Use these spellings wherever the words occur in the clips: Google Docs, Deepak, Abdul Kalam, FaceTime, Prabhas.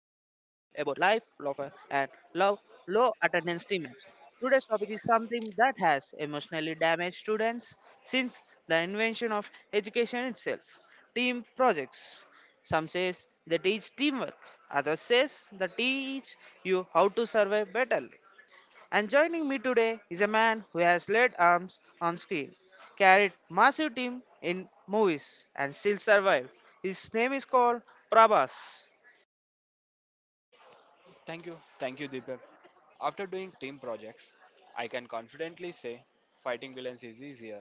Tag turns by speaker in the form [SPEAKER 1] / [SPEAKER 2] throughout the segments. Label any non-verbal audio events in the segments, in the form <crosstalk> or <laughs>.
[SPEAKER 1] life, love, and love low attendance teammates. Today's topic is something that has emotionally damaged students since the invention of education itself, team projects. Some says they teach teamwork, others says they teach you how to survive better. And joining me today is a man who has led arms on screen, carried massive team in movies, and still survived. His name is called Prabhas.
[SPEAKER 2] Thank you. Thank you, Deepak. After doing team projects, I can confidently say fighting villains is easier.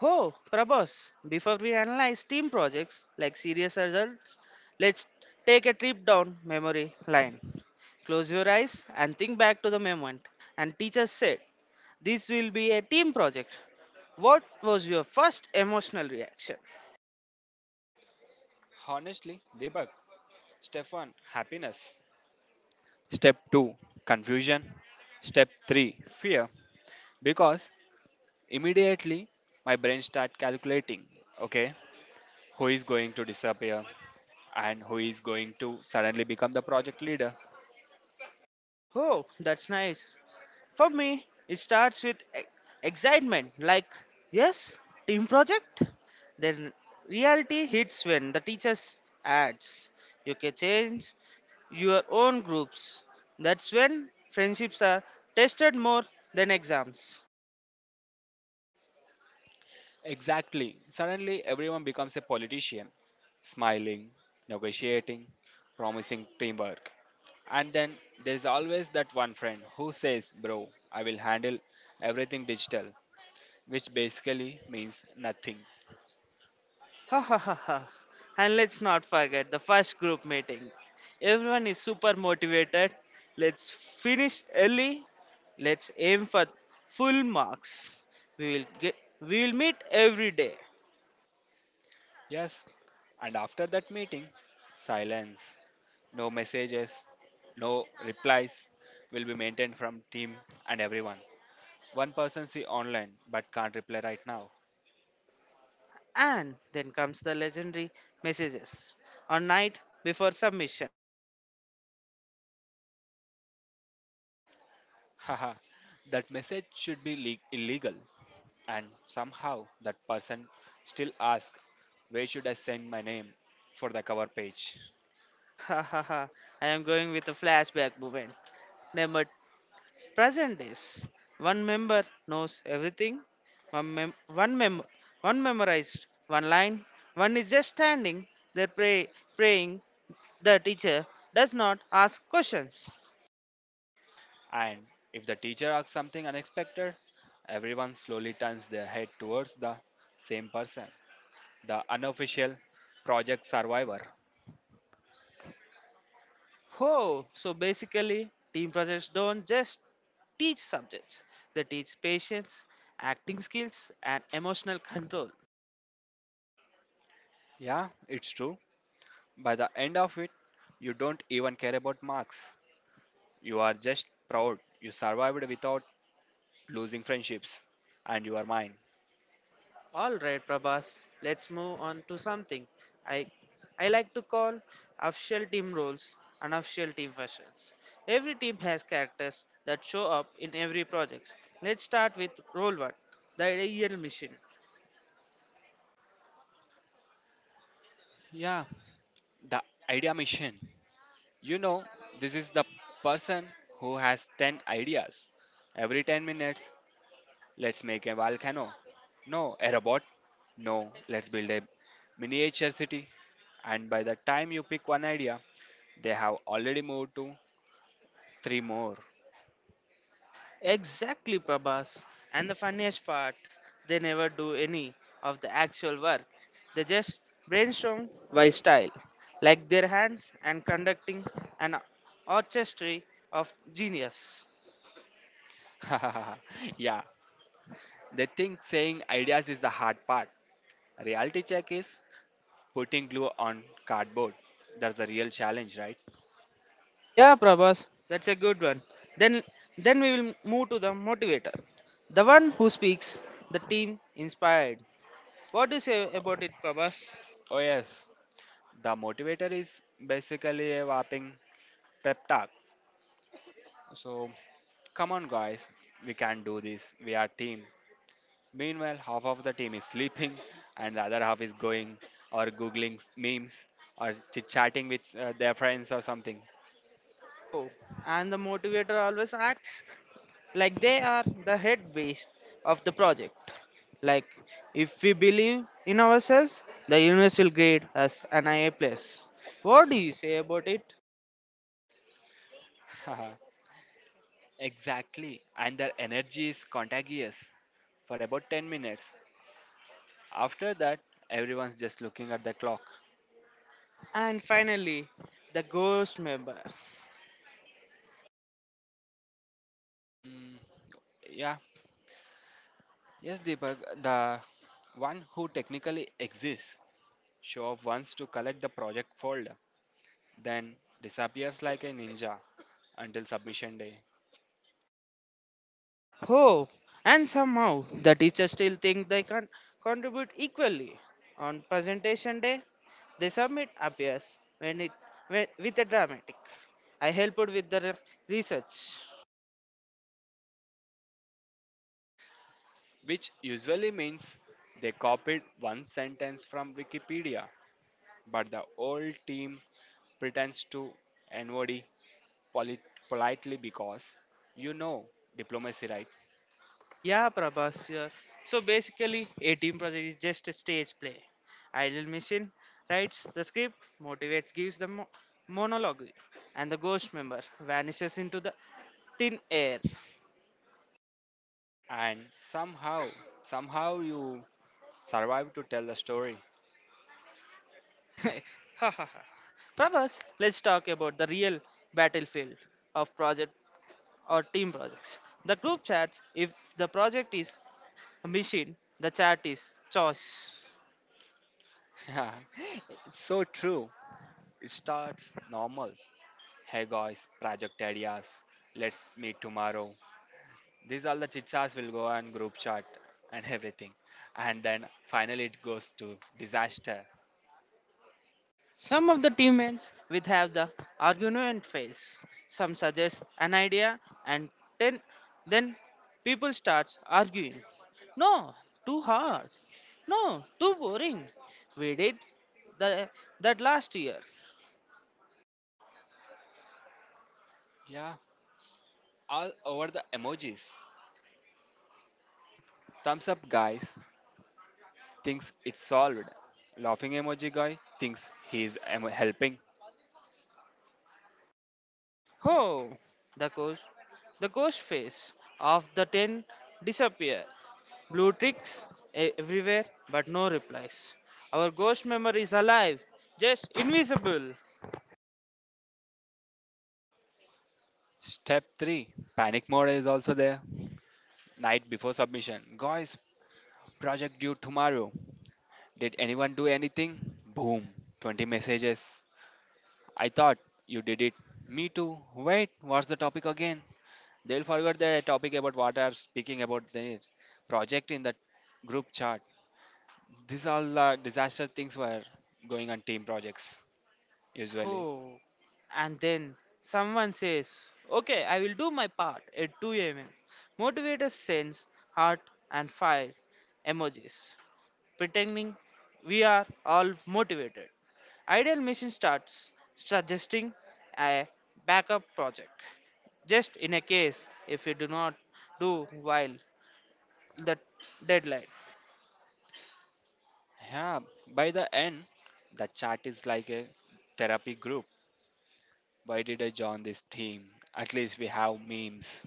[SPEAKER 1] Oh, Prabhas, before we analyze team projects like serious results, let's take a trip down memory line. Close your eyes and think back to the moment. And teacher said, this will be a team project. What was your first emotional reaction?
[SPEAKER 2] Honestly, Deepak, step 1 happiness, step 2 confusion, step 3 fear because immediately my brain start calculating, okay, who is going to disappear and who is going to suddenly become the project leader.
[SPEAKER 1] Oh, that's nice. For me, it starts with excitement, like, yes, team project. Then reality hits when the teachers adds. You can change your own groups. That's when friendships are tested more than exams.
[SPEAKER 2] Exactly. Suddenly, everyone becomes a politician, smiling, negotiating, promising teamwork. And then there's always that one friend who says, Bro, I will handle everything digital, which basically means nothing.
[SPEAKER 1] Ha ha ha ha. And let's not forget the first group meeting. Everyone is super motivated. Let's finish early. Let's aim for full marks. We will meet every day.
[SPEAKER 2] Yes. And after that meeting, silence, no messages, no replies will be maintained from team and everyone. One person see online but can't reply right now.
[SPEAKER 1] And then comes the legendary messages. On night before submission. Bro, what's the project about? <laughs>
[SPEAKER 2] Haha, that message should be illegal. And somehow that person still asks, Where should I send my name for the cover page?
[SPEAKER 1] Ha ha ha. I am going with a flashback moment. Number present days, one member knows everything, one, mem- one, mem- one memorized one line, one is just standing there praying the teacher does not ask questions.
[SPEAKER 2] And if the teacher asks something unexpected, everyone slowly turns their head towards the same person, the unofficial project survivor.
[SPEAKER 1] Oh, so basically, team projects don't just teach subjects, they teach patience, acting skills, and emotional control.
[SPEAKER 2] Yeah, it's true. By the end of it, you don't even care about marks. You are just proud you survived without losing friendships and you are mine.
[SPEAKER 1] All right, Prabhas, let's move on to something I I like to call official team roles and official team fashions. Every team has characters that show up in every project. Let's start with role one, the ideal mission.
[SPEAKER 2] Yeah, the idea machine. You know, this is the person who has 10 ideas. Every 10 minutes, let's make a volcano. No, a robot. No, let's build a miniature city. And by the time you pick one idea, they have already moved to three more.
[SPEAKER 1] Exactly, Prabhas. And the funniest part, they never do any of the actual work. They just brainstorm by style, like their hands and conducting an orchestra of genius.
[SPEAKER 2] <laughs> Yeah, they think saying ideas is the hard part. Reality check is putting glue on cardboard. That's the real challenge, right?
[SPEAKER 1] Yeah, Prabhas, that's a good one. Then then we will move to the motivator. The one who speaks, the team inspired. What do you say about it, Prabhas?
[SPEAKER 2] Oh, yes. The motivator is basically a whopping pep talk. So, come on, guys, we can do this. We are team. Meanwhile, half of the team is sleeping, <laughs> and the other half is going or googling memes or chit chatting with their friends or something.
[SPEAKER 1] Oh, and the motivator always acts like they are the head beast of the project. Like if we believe in ourselves, the universe will grade us an I A plus. What do you say about it?
[SPEAKER 2] Haha, exactly, and their energy is contagious for about 10 minutes. After that, everyone's just looking at the clock.
[SPEAKER 1] And finally, the ghost member.
[SPEAKER 2] Mm, yeah, yes, Deepak, the one who technically exists show up once to collect the project fold, then disappears like a ninja until submission day,
[SPEAKER 1] Oh, and somehow the teachers still think they can contribute equally. On presentation day, the submit appears when with a dramatic. I helped with the research.
[SPEAKER 2] which usually means they copied one sentence from Wikipedia, but the whole team pretends to NOD polit- politely because you know diplomacy, right?
[SPEAKER 1] Yeah, Prabhas. Yeah. So basically, a team project is just a stage play. Ideal mission writes the script, motivates, gives the monologue, and the ghost member vanishes into the thin air.
[SPEAKER 2] And somehow, somehow you survive to tell the story.
[SPEAKER 1] <laughs> Ha ha ha. Prabhas, let's talk about the real battlefield of project or team projects. The group chats, if the project is a machine, the chat is choice.
[SPEAKER 2] <laughs> So true. It starts normal. Hey guys, project ideas. Let's meet tomorrow. These all the chitsas will go on group chat and everything. And then finally it goes to disaster.
[SPEAKER 1] Some of the teammates will have the argument phase. Some suggest an idea and then, then people start arguing. No, too hard. No, too boring. We did the, that last year.
[SPEAKER 2] Yeah, all over the emojis. Thumbs up guys thinks it's solved. Laughing emoji guy thinks he is helping.
[SPEAKER 1] Ho! The ghost, the ghost face of the ten disappear. Blue ticks everywhere, but no replies. Our ghost memory is alive, just invisible.
[SPEAKER 2] Step 3 panic mode is also there. Night before submission. Guys, project due tomorrow. Did anyone do anything? Boom. 20 messages. I thought you did it. Me too. Wait, what's the topic again? They'll forget the topic about what I'm speaking about the project in the group chat. These all the disaster things were going on team projects usually.
[SPEAKER 1] Oh, and then someone says, okay, I will do my part at 2 am. Motivators sends heart and fire emojis, pretending we are all motivated. Ideal Mission starts suggesting a backup project, just in a case if we do not do while the deadline.
[SPEAKER 2] Yeah, by the end, the chat is like a therapy group. Why did I join this team? At least we have memes.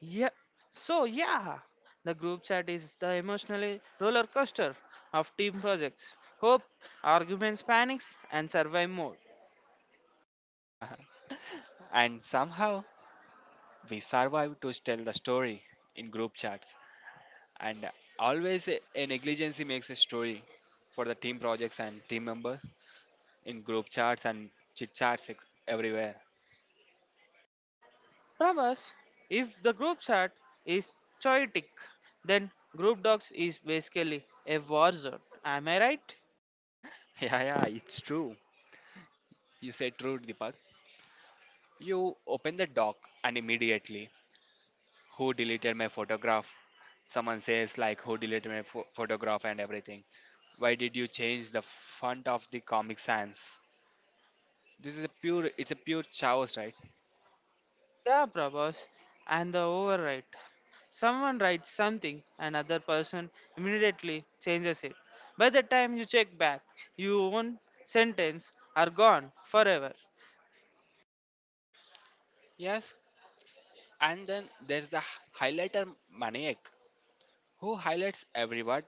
[SPEAKER 1] Yeah. So yeah, the group chat is the emotionally roller coaster of team projects, hope, arguments, panics, and survive mode.
[SPEAKER 2] And somehow we survived to tell the story in group chats. And always a negligence makes a story for the team projects and team members in group chats and chit chats everywhere. <laughs>
[SPEAKER 1] From us, if the group chat is chaotic, then group dogs is basically a war zone. Am I right?
[SPEAKER 2] Yeah, yeah, it's true. You said true, Deepak. You open the doc and immediately, who deleted my photograph? Someone says, like, who deleted my photograph and everything. Why did you change the font of the Comic Sans? This is a pure, it's a pure chaos, right?
[SPEAKER 1] Yeah, Prabhas. And the overwrite. Someone writes something, another person immediately changes it. By the time you check back, your own sentence are gone forever.
[SPEAKER 2] Yes. And then there's the highlighter maniac who highlights everyone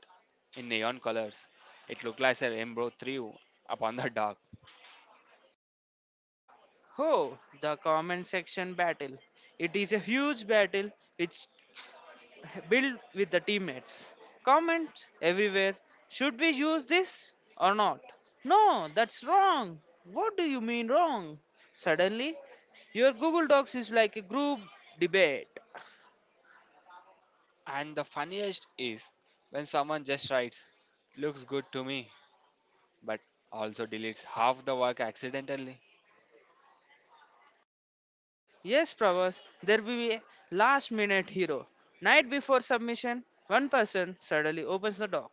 [SPEAKER 2] in neon colors. It looked like a rainbow threw upon the dark.
[SPEAKER 1] Oh, the comment section battle. It is a huge battle which build with the teammates. Comments everywhere. Should we use this or not? No, that's wrong. What do you mean wrong? Suddenly, your Google Docs is like a group debate.
[SPEAKER 2] And the funniest is when someone just writes, looks good to me, but also deletes half the work accidentally. <laughs>
[SPEAKER 1] Yes, Pravas, there will be a last minute hero. Night before submission, one person suddenly opens the doc,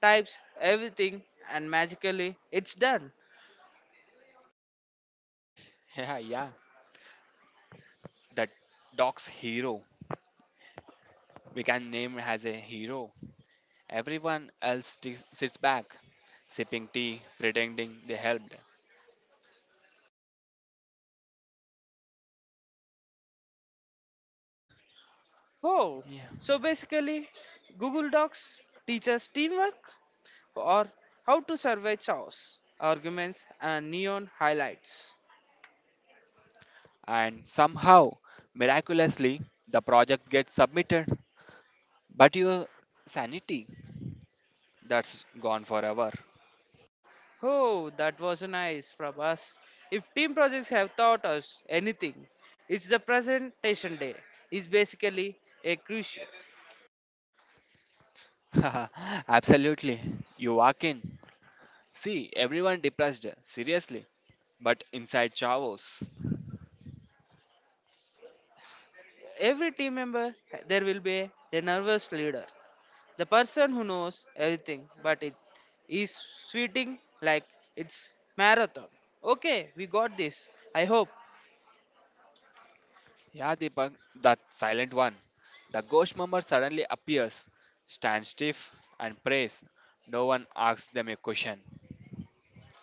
[SPEAKER 1] types everything, and magically it's done.
[SPEAKER 2] Yeah, yeah. That dog's hero. We can name as a hero. Everyone else sits back, sipping tea, pretending they helped.
[SPEAKER 1] Oh,
[SPEAKER 2] Yeah.
[SPEAKER 1] so basically, Google Docs teaches teamwork or how to survey chaos, arguments, and neon highlights.
[SPEAKER 2] And somehow, miraculously, the project gets submitted. But your sanity, that's gone forever.
[SPEAKER 1] Oh, that was nice, Prabhas. If team projects have taught us anything, it's the presentation day. Is basically a crucial.
[SPEAKER 2] <laughs> Absolutely. You walk in. See, everyone depressed, seriously. But inside Chavos.
[SPEAKER 1] Every team member, there will be a nervous leader. The person who knows everything, but it is sweating like it's marathon. Okay, we got this. I hope.
[SPEAKER 2] Yeah, Deepak, that silent one. The ghost mummer suddenly appears, stands stiff, and prays. No one asks them a question.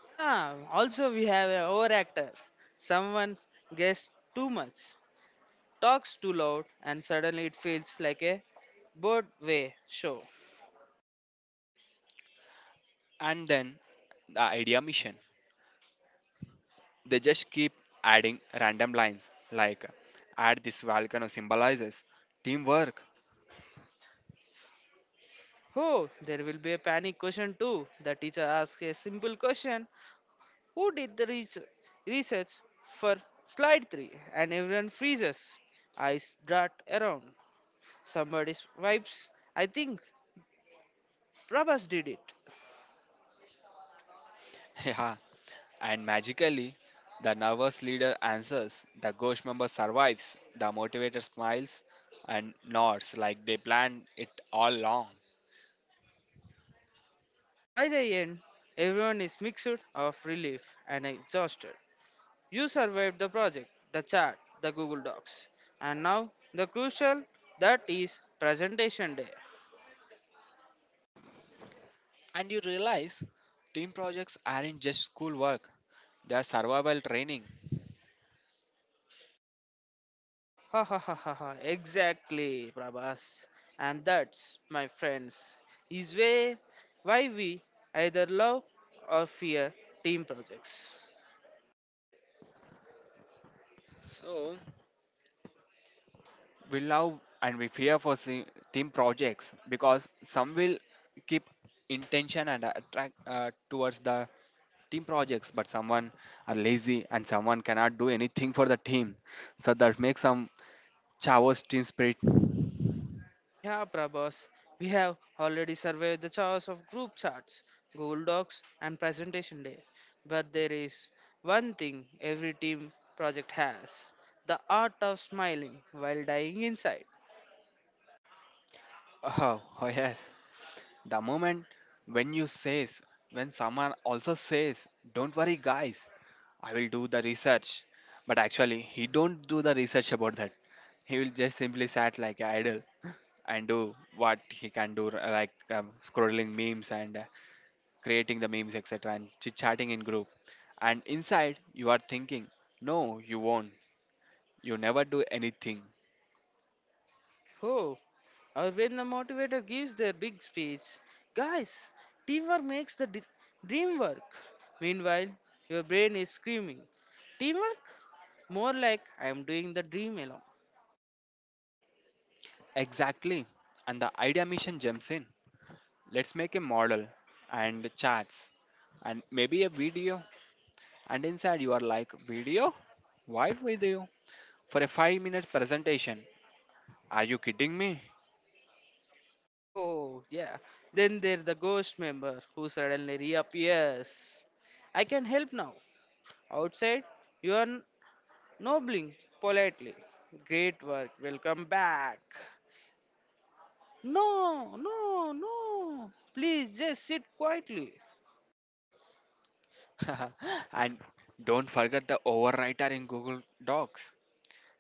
[SPEAKER 1] Yeah, also we have a overactor. Someone guessed too much, talks too loud, and suddenly it feels like a Broadway show.
[SPEAKER 2] And then the idea mission. They just keep adding random lines like, add this volcano symbolizes teamwork.
[SPEAKER 1] Oh, there will be a panic question too. The teacher asks a simple question. Who did the research for slide 3? And everyone freezes. Eyes dart around. Somebody's vibes. I think Prabhas did it.
[SPEAKER 2] <laughs> Yeah, and magically, the nervous leader answers, the ghost member survives, the motivator smiles and nods like they planned it all along.
[SPEAKER 1] By the end, everyone is mixed of relief and exhausted. You survived the project, the chat, the Google Docs, and now the crucial that is presentation day.
[SPEAKER 2] And you realize team projects aren't just schoolwork, they are survival training.
[SPEAKER 1] Ha ha ha ha ha! Exactly, Prabhas. And that's, my friends, is way why we either love or fear team projects.
[SPEAKER 2] So, we love and we fear for team projects because some will keep intention and attract towards the team projects, but someone are lazy and someone cannot do anything for the team, so that makes some chavos team spirit.
[SPEAKER 1] Yeah, Prabhas, we have already surveyed the chaos of group chats, Google Docs, and Presentation Day. But there is one thing every team project has, the art of smiling while dying inside.
[SPEAKER 2] Oh, yes. The moment when you says, when someone also says, "Don't worry, guys, I will do the research," but actually he don't do the research about that. He will just simply sat like an idol <laughs> and do what he can do, like scrolling memes and creating the memes, etc., and chit chatting in group. And inside, you are thinking, no, you won't. You never do anything.
[SPEAKER 1] Oh, or when the motivator gives their big speech, guys, teamwork makes the dream work. Meanwhile, your brain is screaming, teamwork? More like I am doing the dream alone.
[SPEAKER 2] Exactly. And the idea mission jumps in. Let's make a model and charts and maybe a video. And inside, you are like, Video? Why video? For a 5 minute presentation. Are you kidding me?
[SPEAKER 1] Oh, yeah. Then there's the ghost member who suddenly reappears. I can help now. Outside, you are nobling politely. Great work. Welcome back. No, no, no. Please just sit quietly.
[SPEAKER 2] <laughs> And don't forget the overwriter in Google Docs.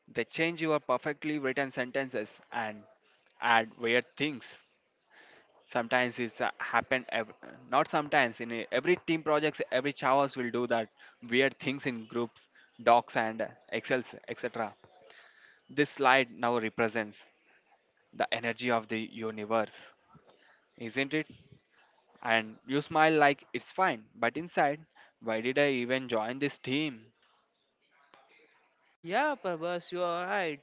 [SPEAKER 2] They change your perfectly written sentences and add weird things. Sometimes it's happened, not sometimes, in every team projects, every chavos will do that weird things in groups, docs, and excels, etc. This slide now represents the energy of the universe, isn't it? And you smile like it's fine, but inside, why did I even join this team?
[SPEAKER 1] Yeah, Prabhas, you are right.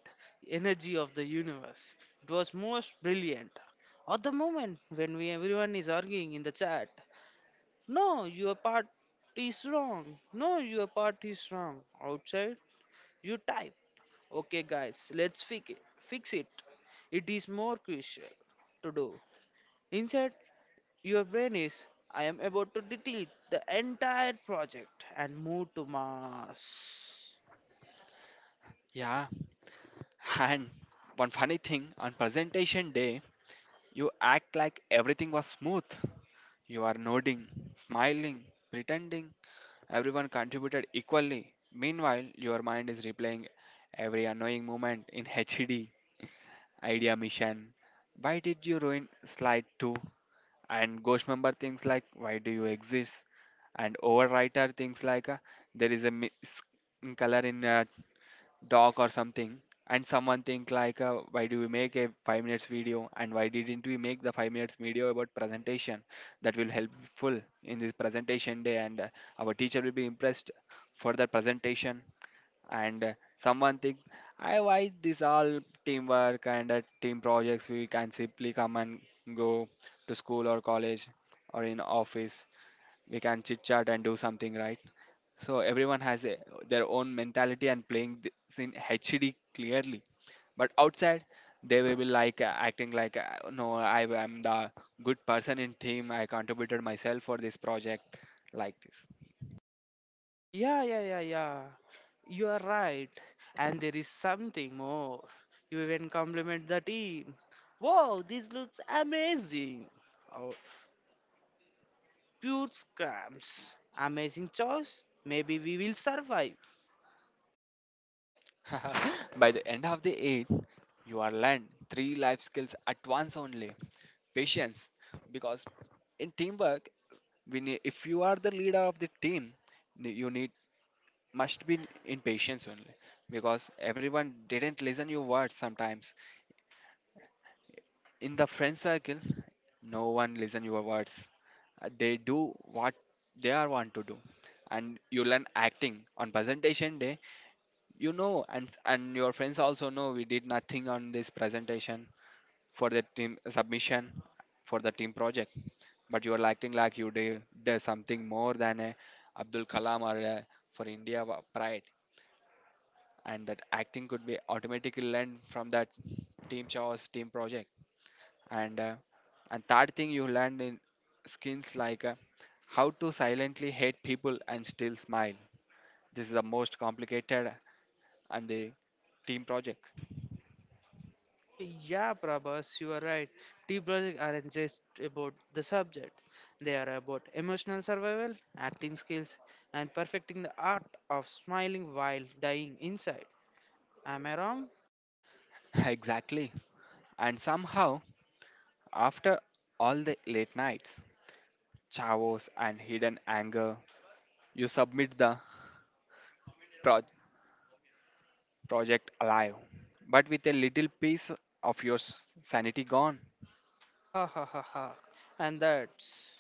[SPEAKER 1] Energy of the universe. It was most brilliant. At the moment when we everyone is arguing in the chat, no, your part is wrong. No, your part is wrong. Outside, you type. Okay, guys, let's fix it. Fix it. It is more crucial to do. Inside, your brain is, I am about to delete the entire project and move to Mars.
[SPEAKER 2] Yeah, <laughs> and one funny thing on presentation day, you act like everything was smooth. You are nodding, smiling, pretending everyone contributed equally. Meanwhile, your mind is replaying every annoying moment in HD, idea mission. Why did you ruin slide 2? And ghost member things like, why do you exist? And overwrite are things like, there is a color in a dog or something. And someone think like, why do we make a 5 minutes video and why didn't we make the 5 minutes video about presentation that will helpful in this presentation day, and our teacher will be impressed for the presentation. And someone think, I why this all teamwork and team projects, we can simply come and go to school or college or in office, we can chit chat and do something, right? So everyone has their own mentality and playing this in HD clearly, but outside they will be like, acting like, no I am the good person in team, I contributed myself for this project like this.
[SPEAKER 1] Yeah, yeah, yeah, yeah. You are right. And there is something more. You even compliment the team. Wow, this looks amazing. Oh, pure scams. Amazing choice. Maybe we will survive.
[SPEAKER 2] <laughs> By the end of the eight, you are learned three life skills at once only. Patience, because in teamwork, we need, if you are the leader of the team, you need must be in patience only, because everyone didn't listen your words sometimes. In the friend circle, no one listen your words. They do what they are want to do, and you learn acting on presentation day. You know, and your friends also know we did nothing on this presentation for the team submission for the team project. But you are acting like you did something more than a Abdul Kalam or for India pride, and that acting could be automatically learned from that team chaos team project. And uh, and third thing you learned in skills like, how to silently hate people and still smile. This is the most complicated and the team project.
[SPEAKER 1] Oh, yeah, Prabhas, you are right. Tea projects aren't just about the subject, they are about emotional survival, acting skills, and perfecting the art of smiling while dying inside. Am I wrong?
[SPEAKER 2] <laughs> Exactly. And somehow, after all the late nights, chavos, and hidden anger, you submit the pro- project alive, but with a little piece of your sanity gone.
[SPEAKER 1] Ha ha ha ha. And that's,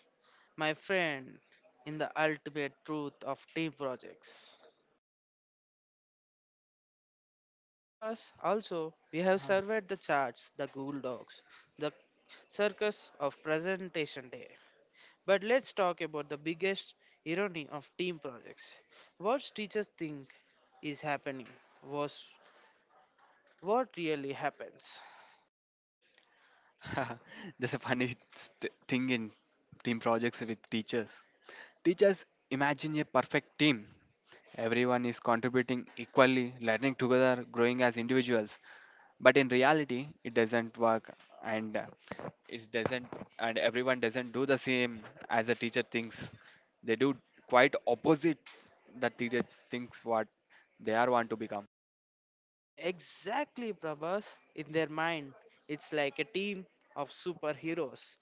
[SPEAKER 1] my friend, in the ultimate truth of tea projects. Babas, also, we have surveyed the charts, the ghoul dogs, the circus of presentation day. But let's talk about the biggest irony of team projects. What teachers think is happening was what really happens.
[SPEAKER 2] That's <laughs> a funny thing in team projects with teachers. Teachers imagine a perfect team. Everyone is contributing equally, learning together, growing as individuals. But in reality it doesn't work, and it doesn't, and everyone doesn't do the same as the teacher thinks they do. Quite opposite, the teacher thinks what they are want to become.
[SPEAKER 1] Exactly, Prabhas. In their mind, it's like a team of superheroes.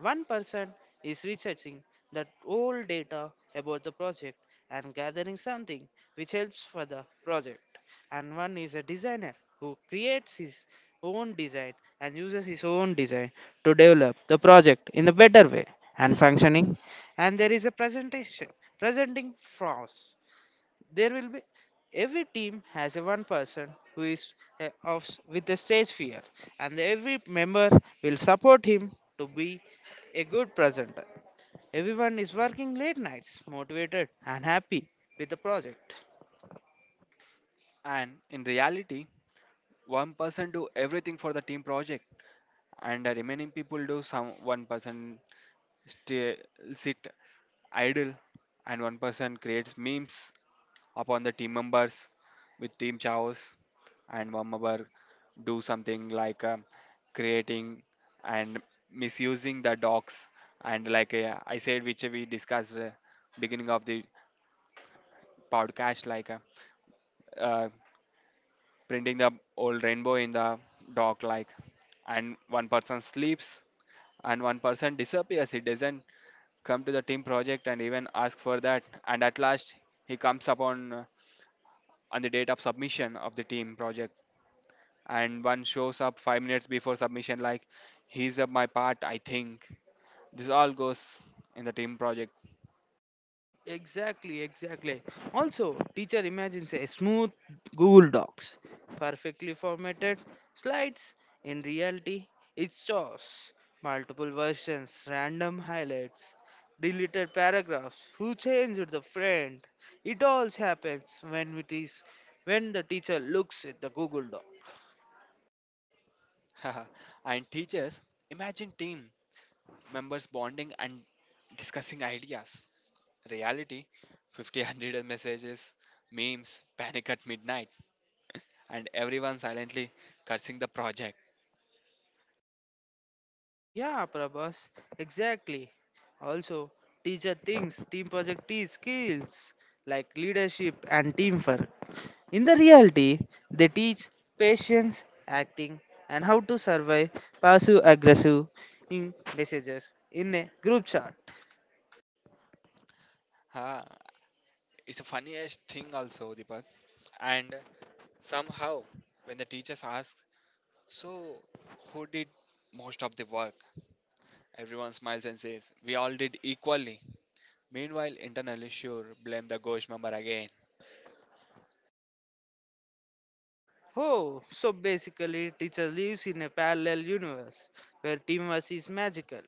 [SPEAKER 1] One person is researching that old data about the project and gathering something which helps for the project. And one is a designer who creates his own design and uses his own design to develop the project in a better way and functioning. And there is a presentation presenting flaws. There will be every team has a one person who is with a stage fear, and every member will support him to be a good presenter. Everyone is working late nights, motivated and happy with the project.
[SPEAKER 2] And in reality, one person do everything for the team project and the remaining people do some. One person stay, sit idle, and one person creates memes upon the team members with Team Chaos, and one member do something like, creating and misusing the docs, and like, I said which we discussed beginning of the podcast, like, uh, printing the old rainbow in the dock like, and one person sleeps, and one person disappears, he doesn't come to the team project and even ask for that, and at last he comes upon, on the date of submission of the team project, and one shows up 5 minutes before submission like, he's up my part I think. This all goes in the team project.
[SPEAKER 1] Exactly, exactly. Also, teacher imagines a smooth Google Docs, perfectly formatted slides. In reality, it's chaos. Multiple versions, random highlights, deleted paragraphs, who changed the friend. It all happens when it is when the teacher looks at the Google Doc.
[SPEAKER 2] <laughs> And teachers imagine team members bonding and discussing ideas. Reality, 50 <laughs> 100 messages, memes, panic at midnight, and everyone silently cursing the project.
[SPEAKER 1] Yeah, Prabhas, exactly. Also, teacher thinks team project is skills like leadership and teamwork. In the reality, they teach patience, acting, and how to survive passive aggressive in messages in a group chat.
[SPEAKER 2] Ah, it's the funniest thing also, Deepak. And somehow, when the teachers ask, so who did most of the work, everyone smiles and says, we all did equally. Meanwhile, internally, sure, blame the ghost member again.
[SPEAKER 1] Oh, so basically, teacher lives in a parallel universe where teamwork is magical.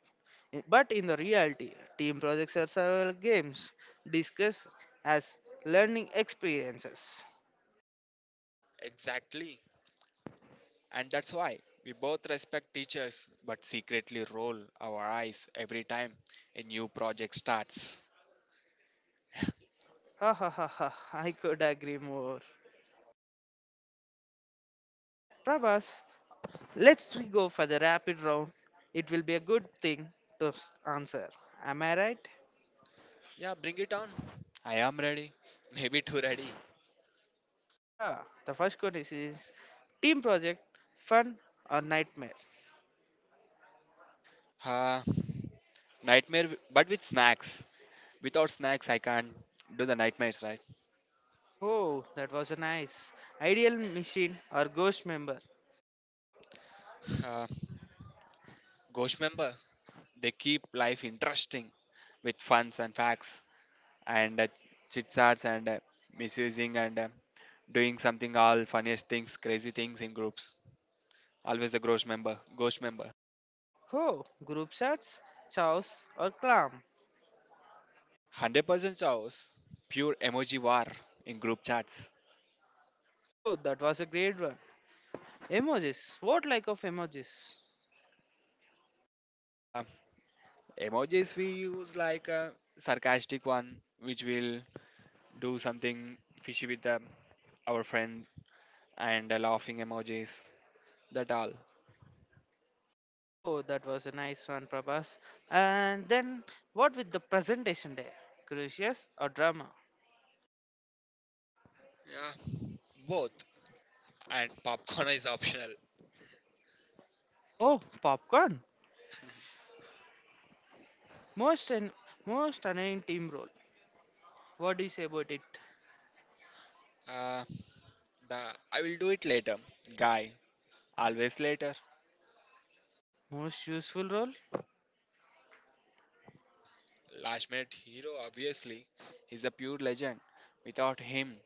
[SPEAKER 1] I- But in the reality, team projects are several games discussed as learning experiences.
[SPEAKER 2] Exactly. And that's why we both respect teachers but secretly roll our eyes every time a new project starts.
[SPEAKER 1] Ha ha ha ha, I could agree more. Prabhas, let's go for the rapid round. It will be a good thing to answer. Am I right?
[SPEAKER 2] Yeah, bring it on. I am ready. Maybe too ready.
[SPEAKER 1] Yeah. The first question is team project fun or nightmare?
[SPEAKER 2] Uh, Nightmare, but with snacks. Without snacks, I can't do the nightmares, right?
[SPEAKER 1] Oh, that was a nice. Ideal machine or ghost member?
[SPEAKER 2] Uh, Ghost member, they keep life interesting with funs and facts, and chits chats, and misusing, and doing something all funniest things, crazy things in groups. Always the ghost member, ghost member.
[SPEAKER 1] Oh, group chats, chows or clam?
[SPEAKER 2] 100% chaos, pure emoji war in group chats.
[SPEAKER 1] Oh, that was a great one. Emojis. What like of emojis?
[SPEAKER 2] Uh, Emojis we use like a sarcastic one, which will do something fishy with our friend, and laughing emojis. That all.
[SPEAKER 1] Oh, that was a nice one, Prabhas. And then what with the presentation day? Crucius or drama?
[SPEAKER 2] Yeah, both. And popcorn is optional.
[SPEAKER 1] Oh, popcorn. Most and most annoying team role. What is about it?
[SPEAKER 2] Uh, the I will do it later, guy. Always later.
[SPEAKER 1] Most useful role?
[SPEAKER 2] Uh, Last minute hero, obviously. He's a pure legend. Without him,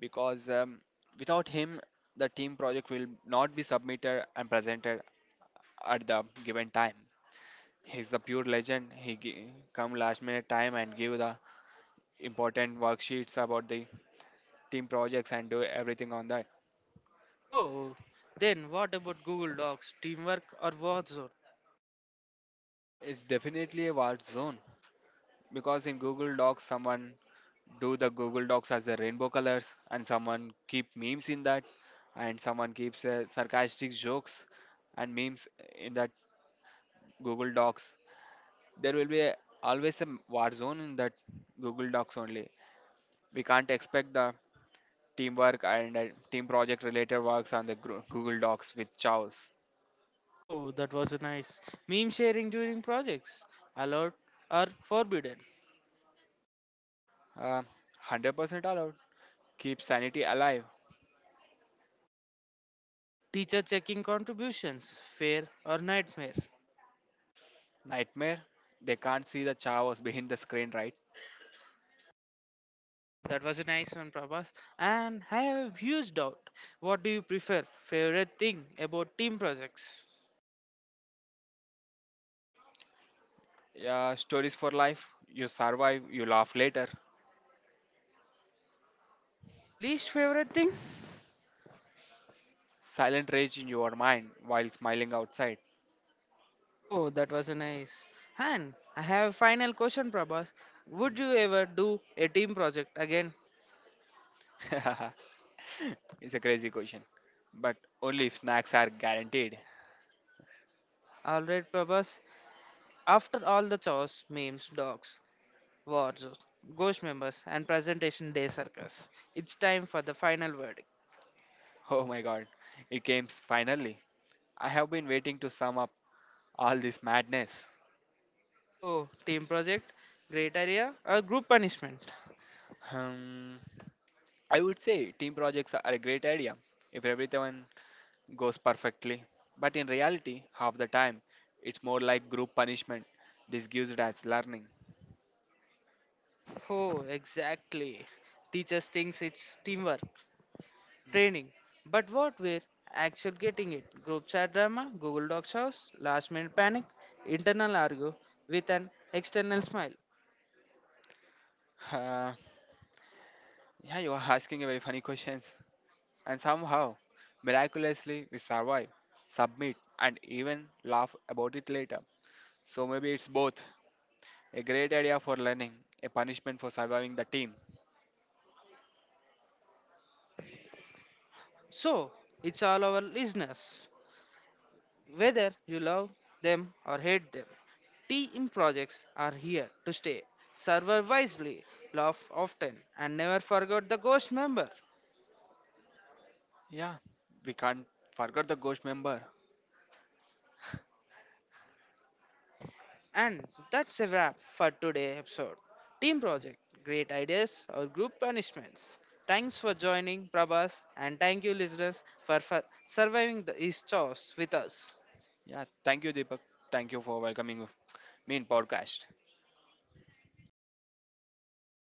[SPEAKER 2] because without him, the team project will not be submitted and presented at the given time. He's the pure legend. He come last minute time and give the important worksheets about the team projects and do everything on that.
[SPEAKER 1] Oh, then what about Google Docs, teamwork or warzone?
[SPEAKER 2] It's definitely a war zone because in Google Docs, someone do the Google Docs as the rainbow colors, and someone keep memes in that, and someone keeps sarcastic jokes and memes in that Google Docs. There will be always a war zone in that Google Docs only. We can't expect the teamwork and team project related works on the Google Docs with chows.
[SPEAKER 1] Oh, that was a nice. Meme sharing during projects. Allowed or forbidden.
[SPEAKER 2] Uh, 100% allowed. Keep sanity alive.
[SPEAKER 1] Teacher checking contributions. Fair or nightmare.
[SPEAKER 2] Nightmare. They can't see the chaos behind the screen, right?
[SPEAKER 1] Oh, that was a nice one, Prabhas. And I have a huge doubt. What do you prefer? Favorite thing about team projects?
[SPEAKER 2] Yeah, stories for life. You survive, you laugh later.
[SPEAKER 1] Least favorite thing?
[SPEAKER 2] Silent rage in your mind while smiling outside?
[SPEAKER 1] Oh, that was a nice. And I have a final question, Prabhas. Would you ever do a team project again?
[SPEAKER 2] <laughs> It's a crazy question. But only if snacks are guaranteed. <laughs>
[SPEAKER 1] Alright, Prabhas. After all the chores, memes, dogs, wars, ghost members, and presentation day circus, it's time for the final verdict.
[SPEAKER 2] Oh my god, it came finally. I have been waiting to sum up all this madness.
[SPEAKER 1] So, team project, great area, or group punishment?
[SPEAKER 2] Hmm, I would say team projects are a great idea if everyone goes perfectly. But in reality, half the time, it's more like group punishment disguised as learning.
[SPEAKER 1] Oh, exactly. Teaches thinks it's teamwork, training. But what we're actually getting it? Group chat drama, Google Docs house, last minute panic, internal argue with an external smile.
[SPEAKER 2] <laughs> Uh, yeah, you are asking a very funny questions. And somehow, miraculously, we survive, submit, and even laugh about it later. So maybe it's both a great idea for learning, a punishment for surviving the team.
[SPEAKER 1] So it's all our listeners, whether you love them or hate them. Team projects are here to stay. Server wisely, laugh often, and never forget the ghost member.
[SPEAKER 2] Yeah, we can't forget the ghost member.
[SPEAKER 1] And that's a wrap for today's episode. Team project, great ideas or group punishments. Thanks for joining Prabhas and thank you listeners for surviving these chores with us.
[SPEAKER 2] Yeah, thank you, Deepak. Thank you for welcoming me in podcast.